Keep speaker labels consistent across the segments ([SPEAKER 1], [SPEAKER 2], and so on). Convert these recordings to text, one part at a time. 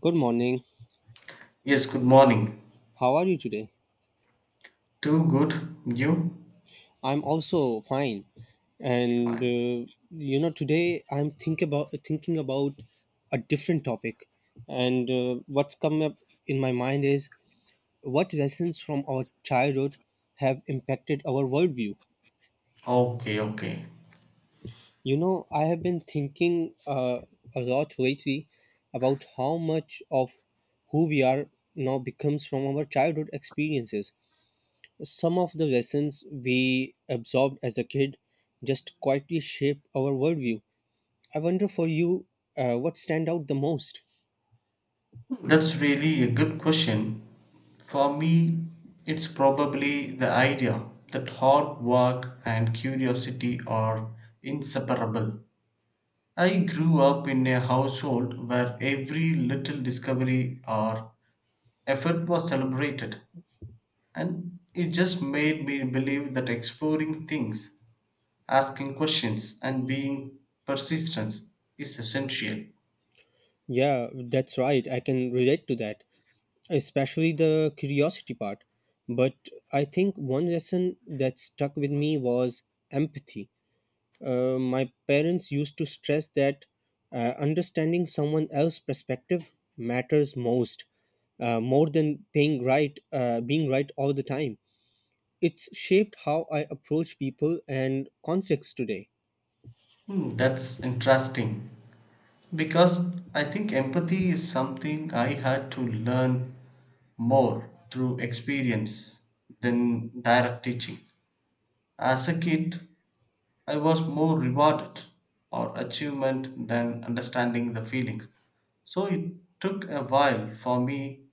[SPEAKER 1] Good morning.
[SPEAKER 2] Yes, good morning.
[SPEAKER 1] How are you today?
[SPEAKER 2] Too good? You?
[SPEAKER 1] I'm also fine.
[SPEAKER 2] Fine.
[SPEAKER 1] Today I'm think about thinking about a different topic. And What's come up in my mind is what lessons from our childhood have impacted our worldview.
[SPEAKER 2] Okay, okay.
[SPEAKER 1] I have been thinking a lot lately about how much of who we are now becomes from our childhood experiences. Some of the lessons we absorbed as a kid just quietly shape our worldview. I wonder for you, what stand out the most?
[SPEAKER 2] That's really a good question. For me, it's probably the idea that hard work and curiosity are inseparable. I grew up in a household where every little discovery or effort was celebrated, and it just made me believe that exploring things asking questions and being persistent is essential.
[SPEAKER 1] Yeah, that's right. I can relate to that, especially the curiosity part. But I think one lesson that stuck with me was empathy. My parents used to stress that understanding someone else's perspective matters most, more than being right all the time. It's shaped how I approach people and conflicts today.
[SPEAKER 2] Hmm, that's interesting because I think empathy is something I had to learn more through experience than direct teaching. As a kid, I was more rewarded or achievement than understanding the feelings. So it took a while for me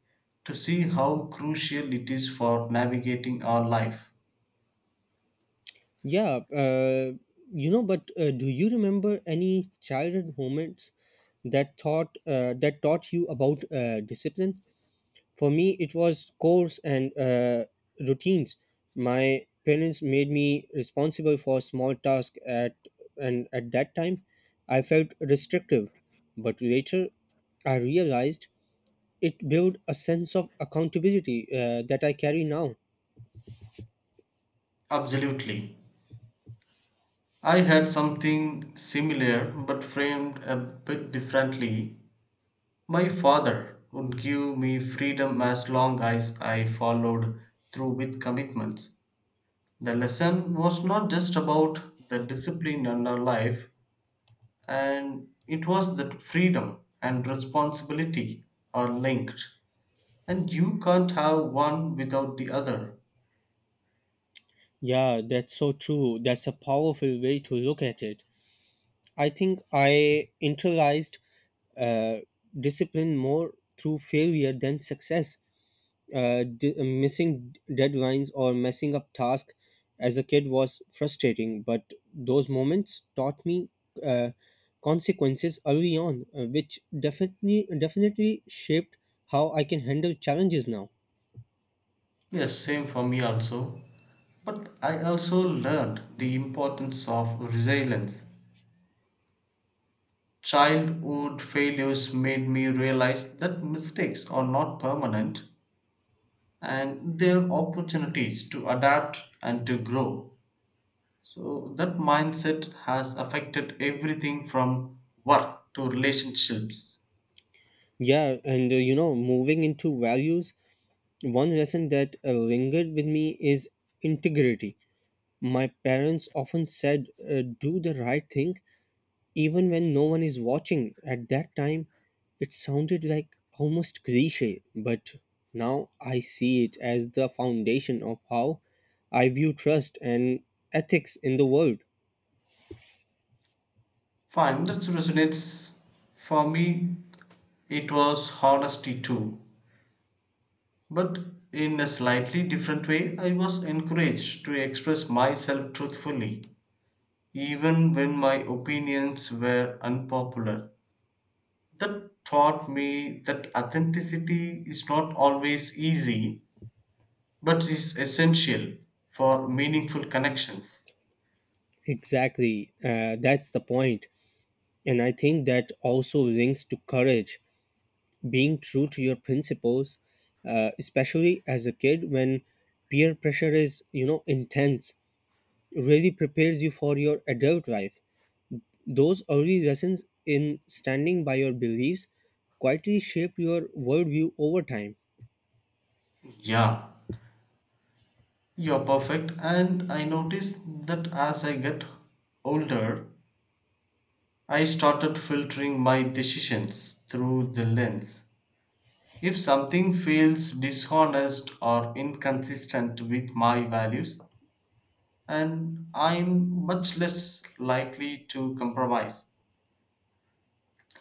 [SPEAKER 2] to see how crucial it is for navigating our life.
[SPEAKER 1] Yeah, you know, but Do you remember any childhood moments that taught you about discipline? For me, it was chores and routines. My parents made me responsible for small tasks at and at that time, I felt restrictive. But later, I realized it built a sense of accountability that I carry now.
[SPEAKER 2] Absolutely. I had something similar but framed a bit differently. My father would give me freedom as long as I followed through with commitments. The lesson was not just about the discipline in our life, and it was that freedom and responsibility are linked, and you can't have one without the other.
[SPEAKER 1] Yeah, that's so true. That's a powerful way to look at it. I think I internalized uh, discipline more through failure than success. Missing deadlines or messing up tasks as a kid was frustrating, but those moments taught me uh, consequences early on, which definitely shaped how I can handle challenges now.
[SPEAKER 2] Yes, same for me also. But I also learned the importance of resilience. Childhood failures made me realize that mistakes are not permanent and they're opportunities to adapt and to grow. So, that mindset has affected everything from work to relationships.
[SPEAKER 1] Moving into values. One lesson that lingered with me is integrity. My parents often said, do the right thing even when no one is watching. At that time, it sounded like almost cliche, but now I see it as the foundation of how I view trust and ethics in the world.
[SPEAKER 2] Fine, that resonates. For me, it was honesty too. But in a slightly different way, I was encouraged to express myself truthfully, even when my opinions were unpopular. That taught me that authenticity is not always easy, but is essential for meaningful connections.
[SPEAKER 1] Exactly, that's the point. And I think that also links to courage. Being true to your principles, especially as a kid when peer pressure is, you know, intense, really prepares you for your adult life. Those early lessons in standing by your beliefs quietly shape your worldview over time.
[SPEAKER 2] Yeah, you're perfect. And I noticed that as I get older, I started filtering my decisions through the lens. If something feels dishonest or inconsistent with my values, and I'm much less likely to compromise.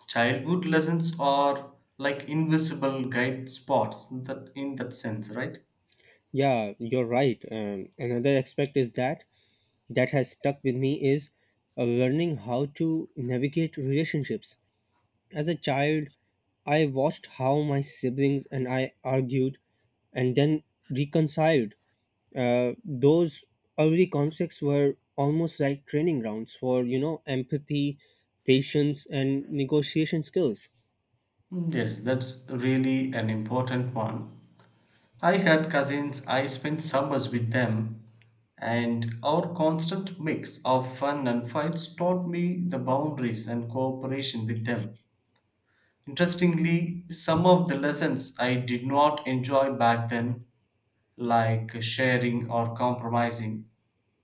[SPEAKER 2] Childhood lessons are like invisible guide spots that in that sense, right?
[SPEAKER 1] Yeah you're right um, Another aspect is that has stuck with me is learning how to navigate relationships. As a child, I watched how my siblings and I argued and then reconciled. Those early conflicts were almost like training grounds for, you know, empathy, patience, and negotiation skills.
[SPEAKER 2] Mm, yes, that's really an important one. I had cousins, I spent summers with them, and our constant mix of fun and fights taught me the boundaries and cooperation with them. Interestingly, some of the lessons I did not enjoy back then, like sharing or compromising,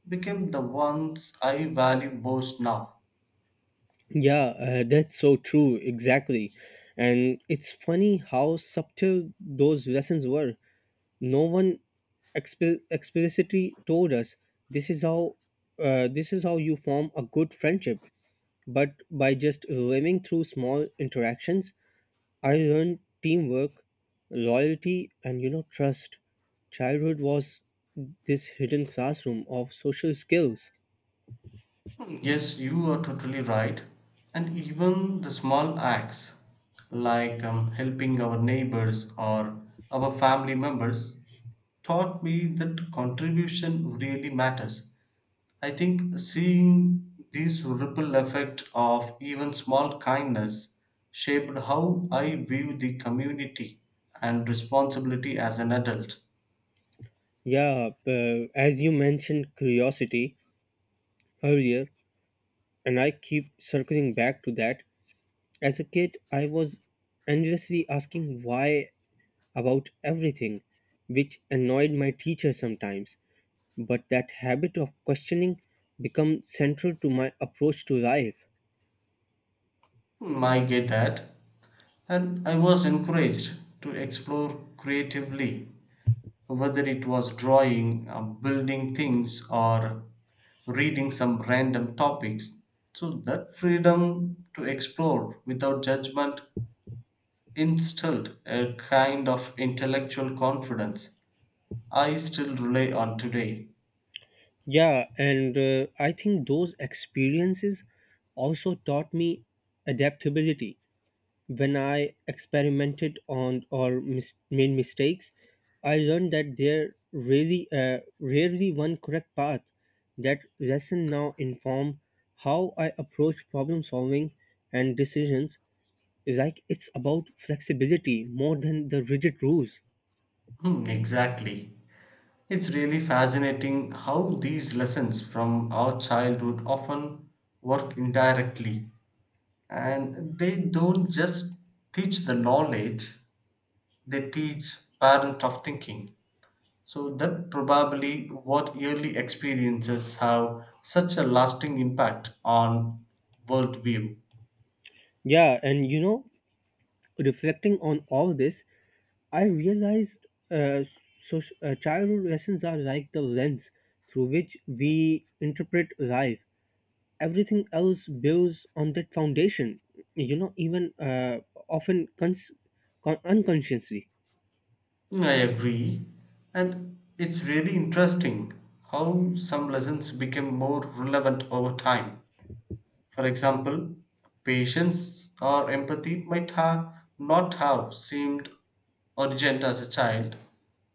[SPEAKER 2] became the ones I value most now.
[SPEAKER 1] Yeah, that's so true, exactly. And it's funny how subtle those lessons were. No one explicitly told us this is how you form a good friendship, but by just living through small interactions, I learned teamwork, loyalty, and, you know, trust. Childhood was this hidden classroom of social skills.
[SPEAKER 2] Yes, you are totally right. And even the small acts, like helping our neighbors or our family members, taught me that contribution really matters. I think seeing this ripple effect of even small kindness shaped how I view the community and responsibility as an adult.
[SPEAKER 1] Yeah, uh, as you mentioned curiosity earlier, and I keep circling back to that. As a kid, I was endlessly asking why about everything, which annoyed my teacher sometimes. But that habit of questioning become central to my approach to life.
[SPEAKER 2] Hmm, I get that. And I was encouraged to explore creatively whether it was drawing, building things, or reading some random topics. So, that freedom to explore without judgment instilled a kind of intellectual confidence I still rely on today.
[SPEAKER 1] Yeah and I think those experiences also taught me adaptability. When i experimented on or mis- made mistakes, I learned that there really rarely one correct path. That lesson now inform how I approach problem solving and decisions. Like it's about flexibility more than the rigid rules.
[SPEAKER 2] Hmm, exactly. It's really fascinating how these lessons from our childhood often work indirectly and they don't just teach the knowledge, they teach parent of thinking. So that probably what early experiences have such a lasting impact on worldview.
[SPEAKER 1] Yeah, and you know, Reflecting on all this, I realized childhood lessons are like the lens through which we interpret life. Everything else builds on that foundation. You know, even often unconsciously.
[SPEAKER 2] Mm, I agree, and it's really interesting how some lessons become more relevant over time. For example, patience or empathy might have not have seemed urgent as a child,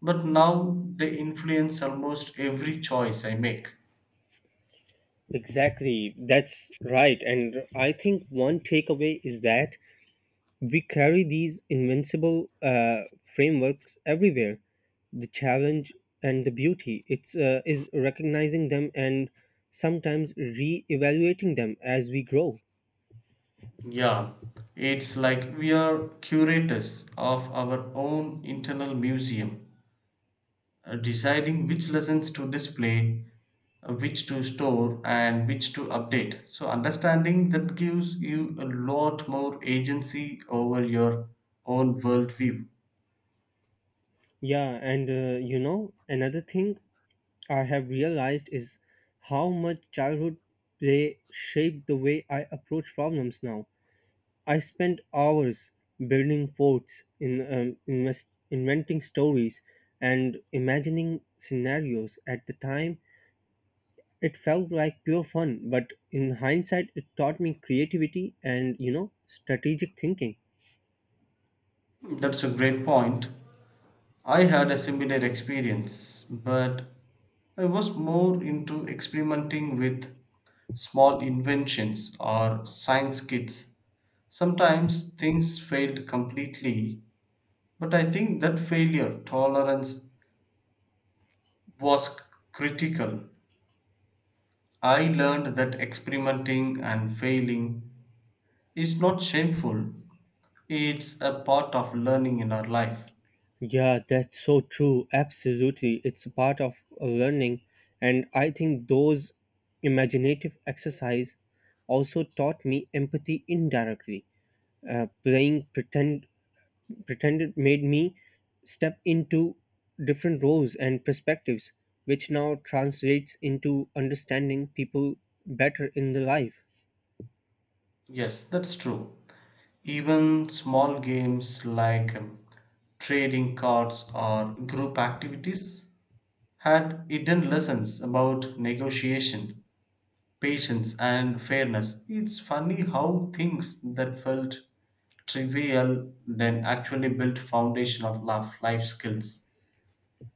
[SPEAKER 2] but now they influence almost every choice I make.
[SPEAKER 1] Exactly, that's right. And I think one takeaway is that we carry these invincible frameworks everywhere. The challenge and the beauty is recognizing them and sometimes re evaluating them as we grow.
[SPEAKER 2] Yeah, it's like we are curators of our own internal museum, deciding which lessons to display, which to store, and which to update. So, understanding that gives you a lot more agency over your own worldview.
[SPEAKER 1] Another thing I have realized is how much childhood play shaped the way I approach problems now. I spent hours building forts, inventing stories, and imagining scenarios. At the time, it felt like pure fun, but in hindsight, it taught me creativity and, you know, strategic thinking.
[SPEAKER 2] That's a great point. I had a similar experience, but I was more into experimenting with small inventions or science kits. Sometimes things failed completely, but I think that failure tolerance was critical. I learned that experimenting and failing is not shameful, it's a part of learning in our life.
[SPEAKER 1] Yeah, that's so true. Absolutely, it's a part of learning, and I think those imaginative exercise also taught me empathy indirectly. Playing pretend pretended made me step into different roles and perspectives, which now translates into understanding people better in the life.
[SPEAKER 2] Yes, that's true. Even small games like trading cards or group activities had hidden lessons about negotiation patience and fairness. It's funny how things that felt trivial then actually built foundation of life skills.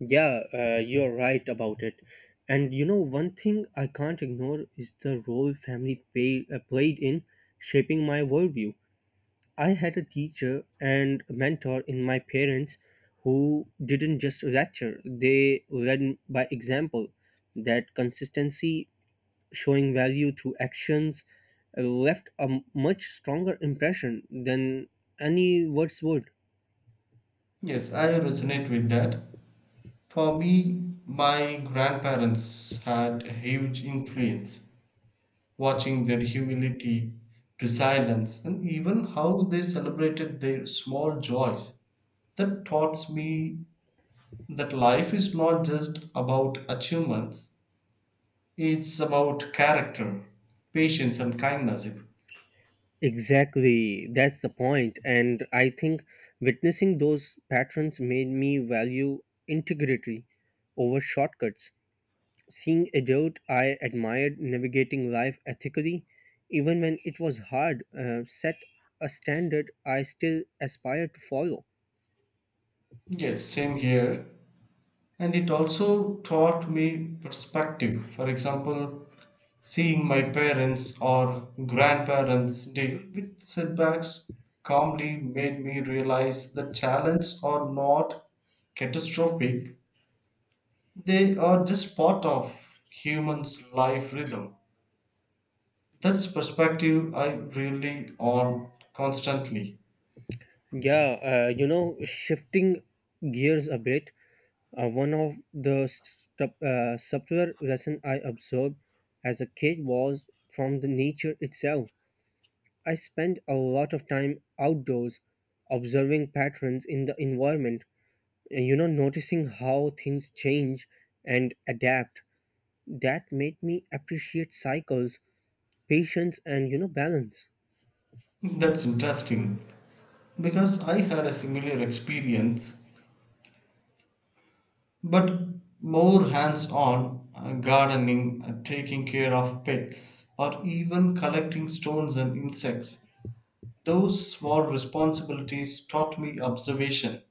[SPEAKER 1] Yeah, you're right about it. And you know, one thing I can't ignore is the role family played in shaping my worldview. I had a teacher and mentor in my parents who didn't just lecture, they led by example. That consistency, showing value through actions, left much stronger impression than any words would.
[SPEAKER 2] Yes, I resonate with that. For me, my grandparents had a huge influence, watching their humility to silence and even how they celebrated their small joys. That taught me that life is not just about achievements, it's about character, patience, and kindness.
[SPEAKER 1] Exactly, that's the point. And I think witnessing those patterns made me value integrity over shortcuts. Seeing a dude I admired navigating life ethically, even when it was hard, set a standard I still aspire to follow.
[SPEAKER 2] Yes, same here. And it also taught me perspective. For example, seeing my parents or grandparents deal with setbacks calmly made me realize that challenges are not catastrophic, they are just part of human's life rhythm. That's perspective I really on constantly.
[SPEAKER 1] Shifting gears a bit, one of the subtler lesson I absorbed as a kid was from the nature itself. I spent a lot of time outdoors observing patterns in the environment, and, you know, noticing how things change and adapt. That made me appreciate cycles, patience, and, you know, balance.
[SPEAKER 2] That's interesting. Because I had a similar experience, but more hands on gardening, taking care of pets, or even collecting stones and insects. Those small responsibilities taught me observation,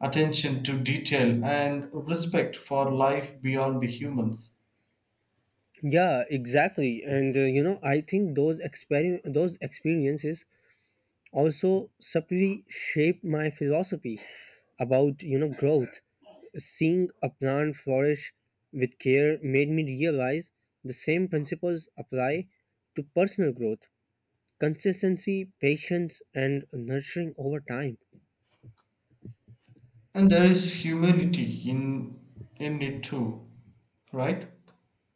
[SPEAKER 2] attention to detail, and respect for life beyond the humans.
[SPEAKER 1] Yeah, exactly. I think those experiences also subtly shaped my philosophy about, you know, growth. Seeing a plant flourish with care made me realize the same principles apply to personal growth: consistency, patience, and nurturing over time.
[SPEAKER 2] And there is humility in it too, right?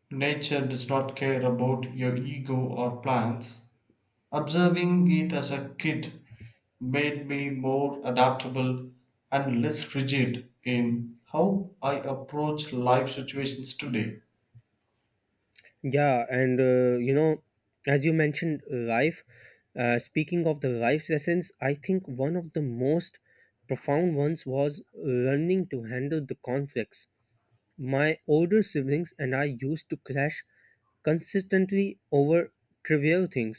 [SPEAKER 2] Nature does not care about your ego or plans. Observing it as a kid made me more adaptable and less rigid in how I approach life situations today.
[SPEAKER 1] Yeah and you know as you mentioned life Speaking of the life lessons, I think one of the most profound ones was learning to handle the conflicts. My older siblings and I used to clash consistently over trivial things,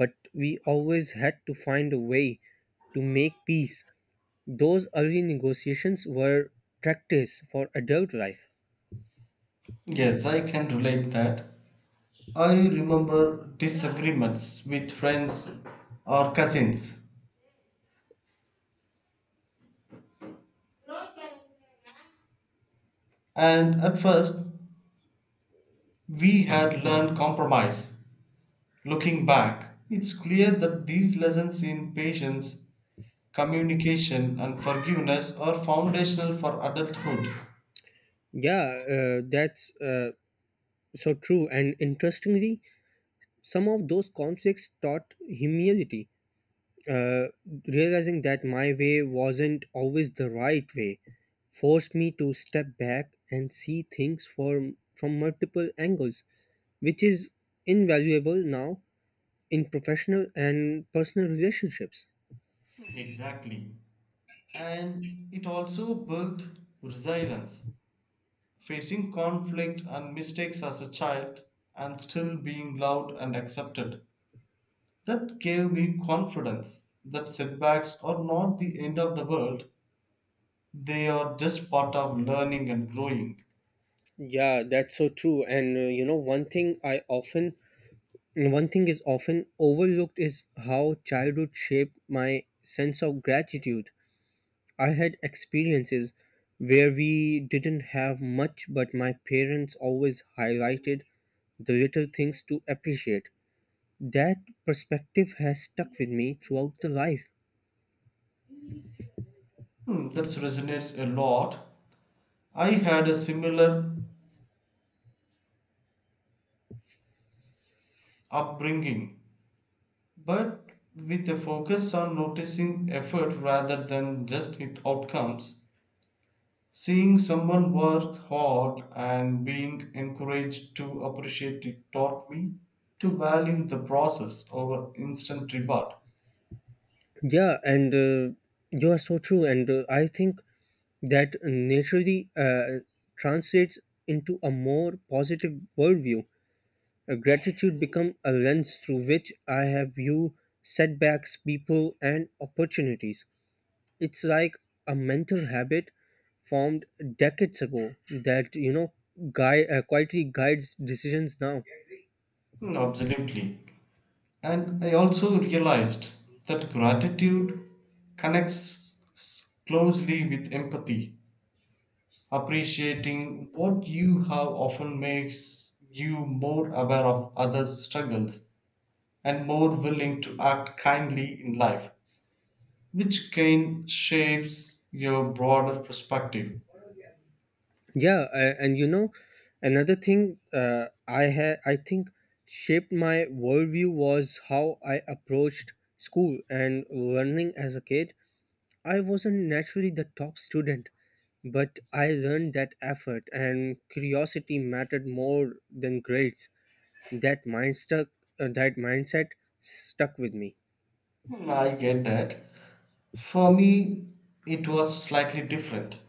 [SPEAKER 1] but we always had to find a way to make peace. Those early negotiations were practice for adult life.
[SPEAKER 2] Yes, I can relate that. I remember disagreements with friends or cousins, and at first we had learned compromise. Looking back, it's clear that these lessons in patience, communication, and forgiveness are foundational for adulthood.
[SPEAKER 1] Yeah, that's so true. And interestingly, some of those conflicts taught humility. uh, Realizing that my way wasn't always the right way forced me to step back and see things from multiple angles, which is invaluable now in professional and personal relationships.
[SPEAKER 2] Exactly. And it also built resilience. Facing conflict and mistakes as a child and still being loved and accepted. That gave me confidence that setbacks are not the end of the world, they are just part of learning and growing.
[SPEAKER 1] Yeah that's so true and uh, you know One thing is often overlooked is how childhood shaped my sense of gratitude. I had experiences where we didn't have much, but my parents always highlighted the little things to appreciate. That perspective has stuck with me throughout the life.
[SPEAKER 2] Hmm, that resonates a lot. I had a similar upbringing, but with a focus on noticing effort rather than just it outcomes. Seeing someone work hard and being encouraged to appreciate it taught me to value the process over instant reward.
[SPEAKER 1] Yeah, and You are so true. And I think that naturally translates into a more positive worldview. Gratitude become a lens through which I have view setbacks, people, and opportunities. It's like a mental habit formed decades ago that, you know, guy quietly guides decisions now.
[SPEAKER 2] Hmm, absolutely. And I also realized that gratitude connects closely with empathy. Appreciating what you have often makes you more aware of others' struggles and more willing to act kindly in life, which kind shapes your broader perspective.
[SPEAKER 1] Yeah, and you know Another thing I had I think shaped my worldview was how I approached school and learning as a kid. I wasn't naturally the top student, but I learned that effort and curiosity mattered more than grades. That mind stuck, that mindset stuck with me.
[SPEAKER 2] Hmm, I get that. For me, it was slightly different.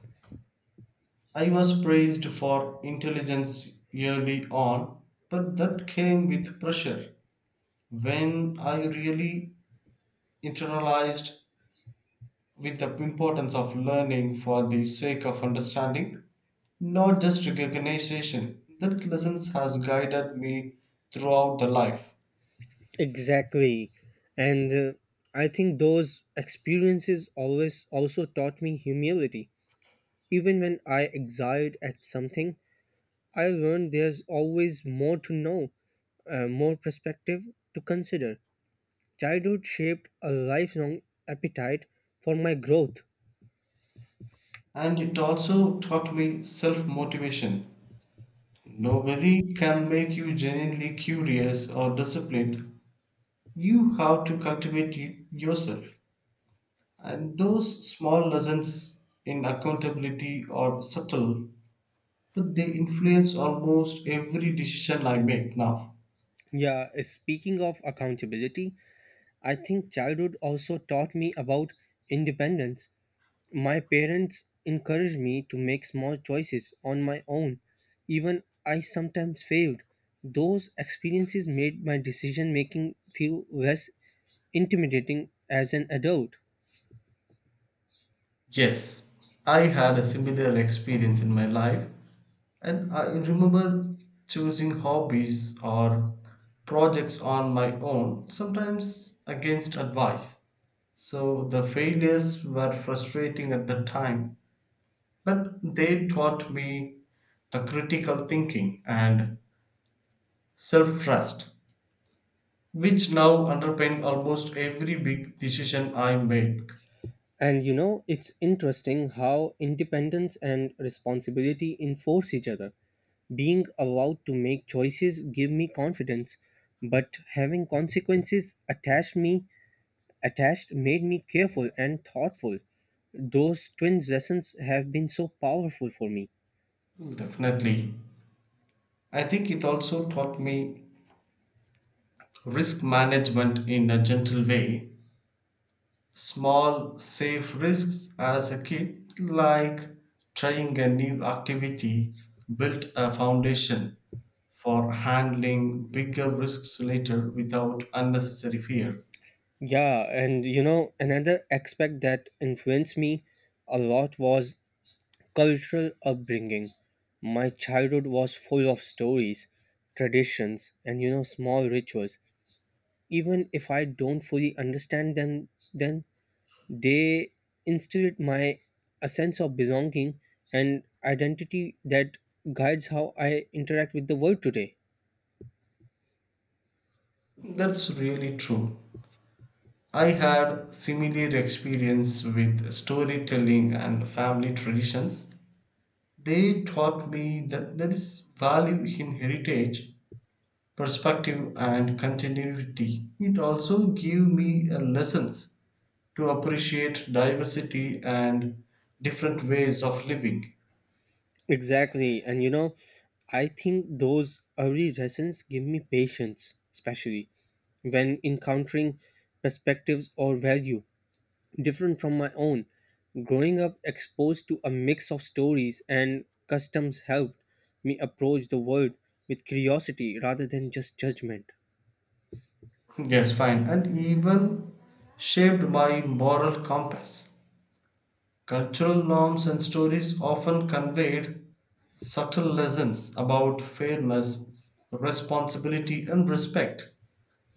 [SPEAKER 2] I was praised for intelligence early on, but that came with pressure. When I really internalized with the importance of learning for the sake of understanding, not just recognition, that lessons has guided me throughout the life.
[SPEAKER 1] Exactly. And I think those experiences always also taught me humility. Even when I exiled at something, I learned there's always more to know, more perspective to consider. Childhood shaped a lifelong appetite for my growth.
[SPEAKER 2] And it also taught me self motivation. Nobody can make you genuinely curious or disciplined. You have to cultivate yourself. And those small lessons in accountability are subtle, but they influence almost every decision I make now.
[SPEAKER 1] Yeah, speaking of accountability, I think childhood also taught me about independence. My parents encouraged me to make small choices on my own. Even I sometimes failed. Those experiences made my decision making feel less intimidating as an adult.
[SPEAKER 2] Yes, I had a similar experience in my life, and I remember choosing hobbies or projects on my own, sometimes against advice. So the failures were frustrating at the time, but they taught me the critical thinking and self trust, which now underpin almost every big decision I make.
[SPEAKER 1] And you know, it's interesting how independence and responsibility enforce each other. Being allowed to make choices give me confidence, but having consequences attached made me careful and thoughtful. Those twin lessons have been so powerful for me.
[SPEAKER 2] Definitely. I think it also taught me risk management in a gentle way. Small, safe risks as a kid, like trying a new activity, built a foundation for handling bigger risks later without unnecessary fear.
[SPEAKER 1] Another aspect that influenced me a lot was cultural upbringing. My childhood was full of stories, traditions, and, you know, small rituals. Even if I don't fully understand them then, they instilled my a sense of belonging and identity that guides how I interact with the world today.
[SPEAKER 2] That's really true. I had similar experience with storytelling and family traditions. They taught me that there is value in heritage perspective and continuity. It also gave me a lessons to appreciate diversity and different ways of living.
[SPEAKER 1] Exactly, and you know, I think those early lessons give me patience, especially when encountering perspectives or value different from my own. Growing up exposed to a mix of stories and customs helped me approach the world with curiosity rather than just judgment.
[SPEAKER 2] Yes, fine. And even shaped my moral compass. Cultural norms and stories often conveyed subtle lessons about fairness, responsibility, and respect.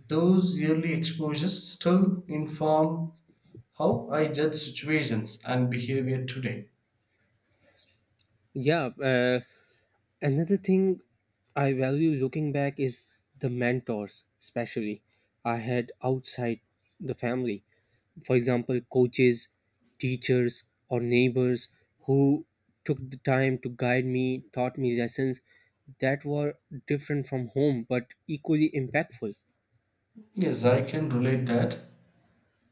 [SPEAKER 2] Those yearly exposures still inform how I judge situations and behavior today.
[SPEAKER 1] Yeah, uh, Another thing I value looking back is the mentors, especially I had outside the family. For example, coaches, teachers, or neighbors who took the time to guide me, taught me lessons that were different from home but equally impactful.
[SPEAKER 2] Yes, I can relate that.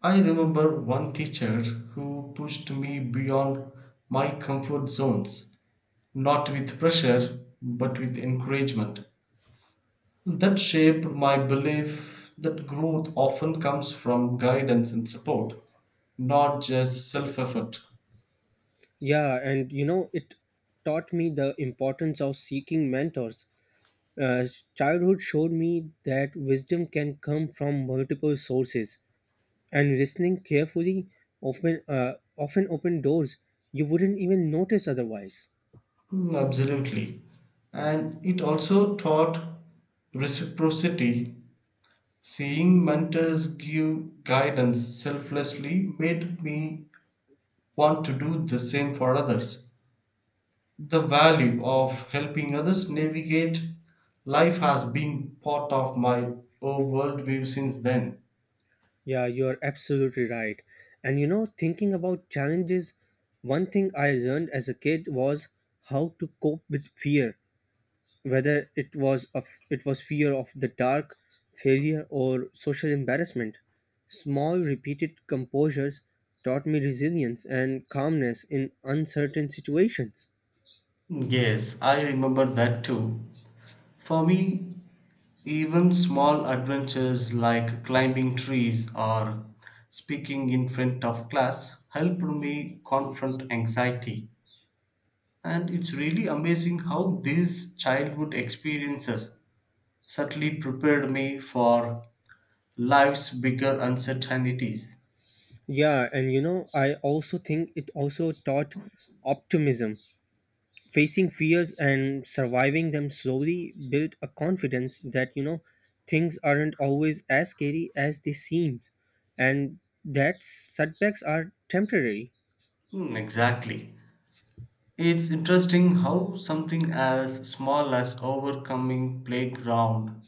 [SPEAKER 2] I remember one teacher who pushed me beyond my comfort zones, not with pressure, but with encouragement. That shaped my belief that growth often comes from guidance and support, not just self effort.
[SPEAKER 1] It taught me the importance of seeking mentors. Uh, Childhood showed me that wisdom can come from multiple sources and listening carefully often uh, often open doors you wouldn't even notice otherwise.
[SPEAKER 2] Mm, absolutely. And it also taught reciprocity. Seeing mentors give guidance selflessly made me want to do the same for others. The value of helping others navigate life has been part of my whole worldview since then.
[SPEAKER 1] Yeah you're absolutely right and you know Thinking about challenges, one thing I learned as a kid was how to cope with fear. Whether it was fear of the dark, failure, or social embarrassment, small repeated composures taught me resilience and calmness in uncertain situations.
[SPEAKER 2] Yes, I remember that too. For me, even small adventures like climbing trees or speaking in front of class helped me confront anxiety. And it's really amazing how these childhood experiences certainly prepared me for life's bigger uncertainties.
[SPEAKER 1] Yeah, and you know, I also think it also taught optimism. Facing fears and surviving them slowly built a confidence that, you know, things aren't always as scary as they seem, and that setbacks are temporary.
[SPEAKER 2] Hmm, exactly. It's interesting how something as small as overcoming playground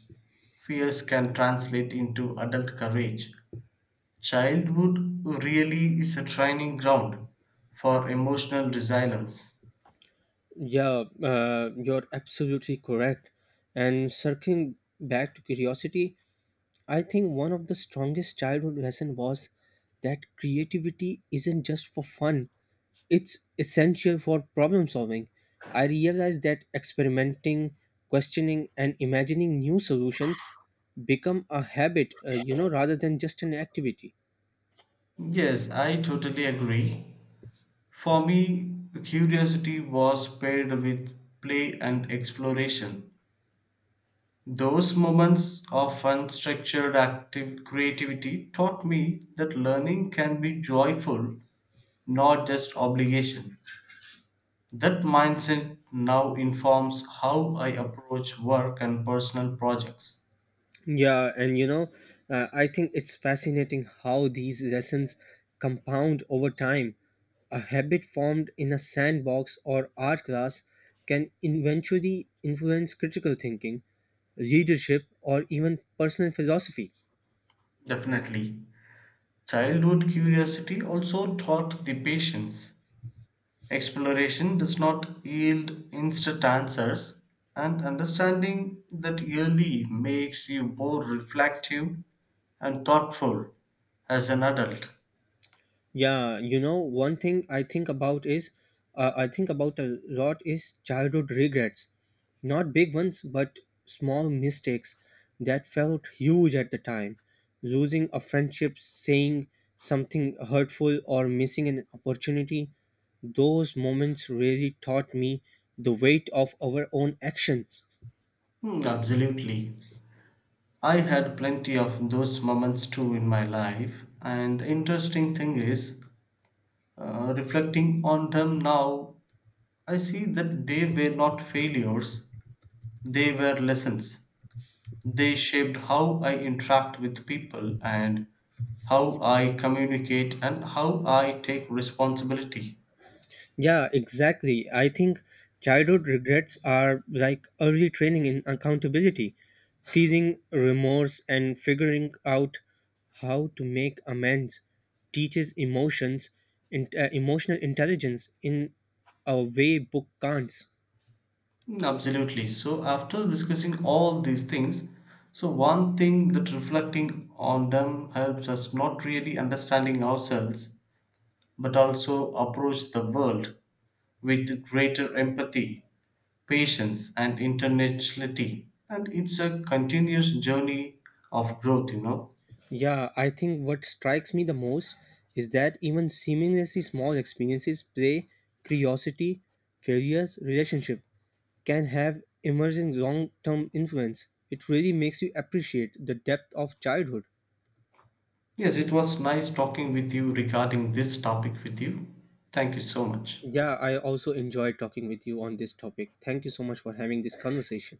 [SPEAKER 2] fears can translate into adult courage. Childhood really is a training ground for emotional resilience.
[SPEAKER 1] Yeah, you're absolutely correct. And circling back to curiosity, I think one of the strongest childhood lesson was that creativity isn't just for fun, it's essential for problem solving. I realized that experimenting, questioning, and imagining new solutions become a habit, you know, rather than just an activity.
[SPEAKER 2] Yes, I totally agree. For me, curiosity was paired with play and exploration. Those moments of unstructured active creativity taught me that learning can be joyful, not just obligation. That mindset now informs how I approach work and personal projects.
[SPEAKER 1] Yeah, and you know, I think it's fascinating how these lessons compound over time. A habit formed in a sandbox or art class can eventually influence critical thinking, leadership, or even personal philosophy.
[SPEAKER 2] Definitely. Childhood curiosity also taught the patience. Exploration does not yield instant answers, and understanding that early makes you more reflective and thoughtful as an adult.
[SPEAKER 1] Yeah, you know, one thing I think about is, I think about a lot is childhood regrets. Not big ones, but small mistakes that felt huge at the time. Losing a friendship, saying something hurtful, or missing an opportunity. Those moments really taught me the weight of our own actions.
[SPEAKER 2] Hmm, absolutely. I had plenty of those moments too in my life, and the interesting thing is, reflecting on them now, I see that they were not failures, they were lessons. They shaped how I interact with people and how I communicate and how I take responsibility.
[SPEAKER 1] Yeah, exactly. I think childhood regrets are like early training in accountability. Feeling remorse and figuring out how to make amends teaches emotional intelligence in a way book can't.
[SPEAKER 2] Mm, absolutely. So, after discussing all these things, so one thing that reflecting on them helps us not really understanding ourselves, but also approach the world with greater empathy, patience, and intentionality. And it's a continuous journey of growth, you know.
[SPEAKER 1] Yeah I think what strikes me the most is that even seemingly small experiences: play, curiosity, failures, relationship, can have emerging long-term influence. It really makes you appreciate the depth of childhood.
[SPEAKER 2] Yes, it was nice talking with you regarding this topic with you. Thank you so much.
[SPEAKER 1] Yeah, I also enjoyed talking with you on this topic. Thank you so much for having this conversation.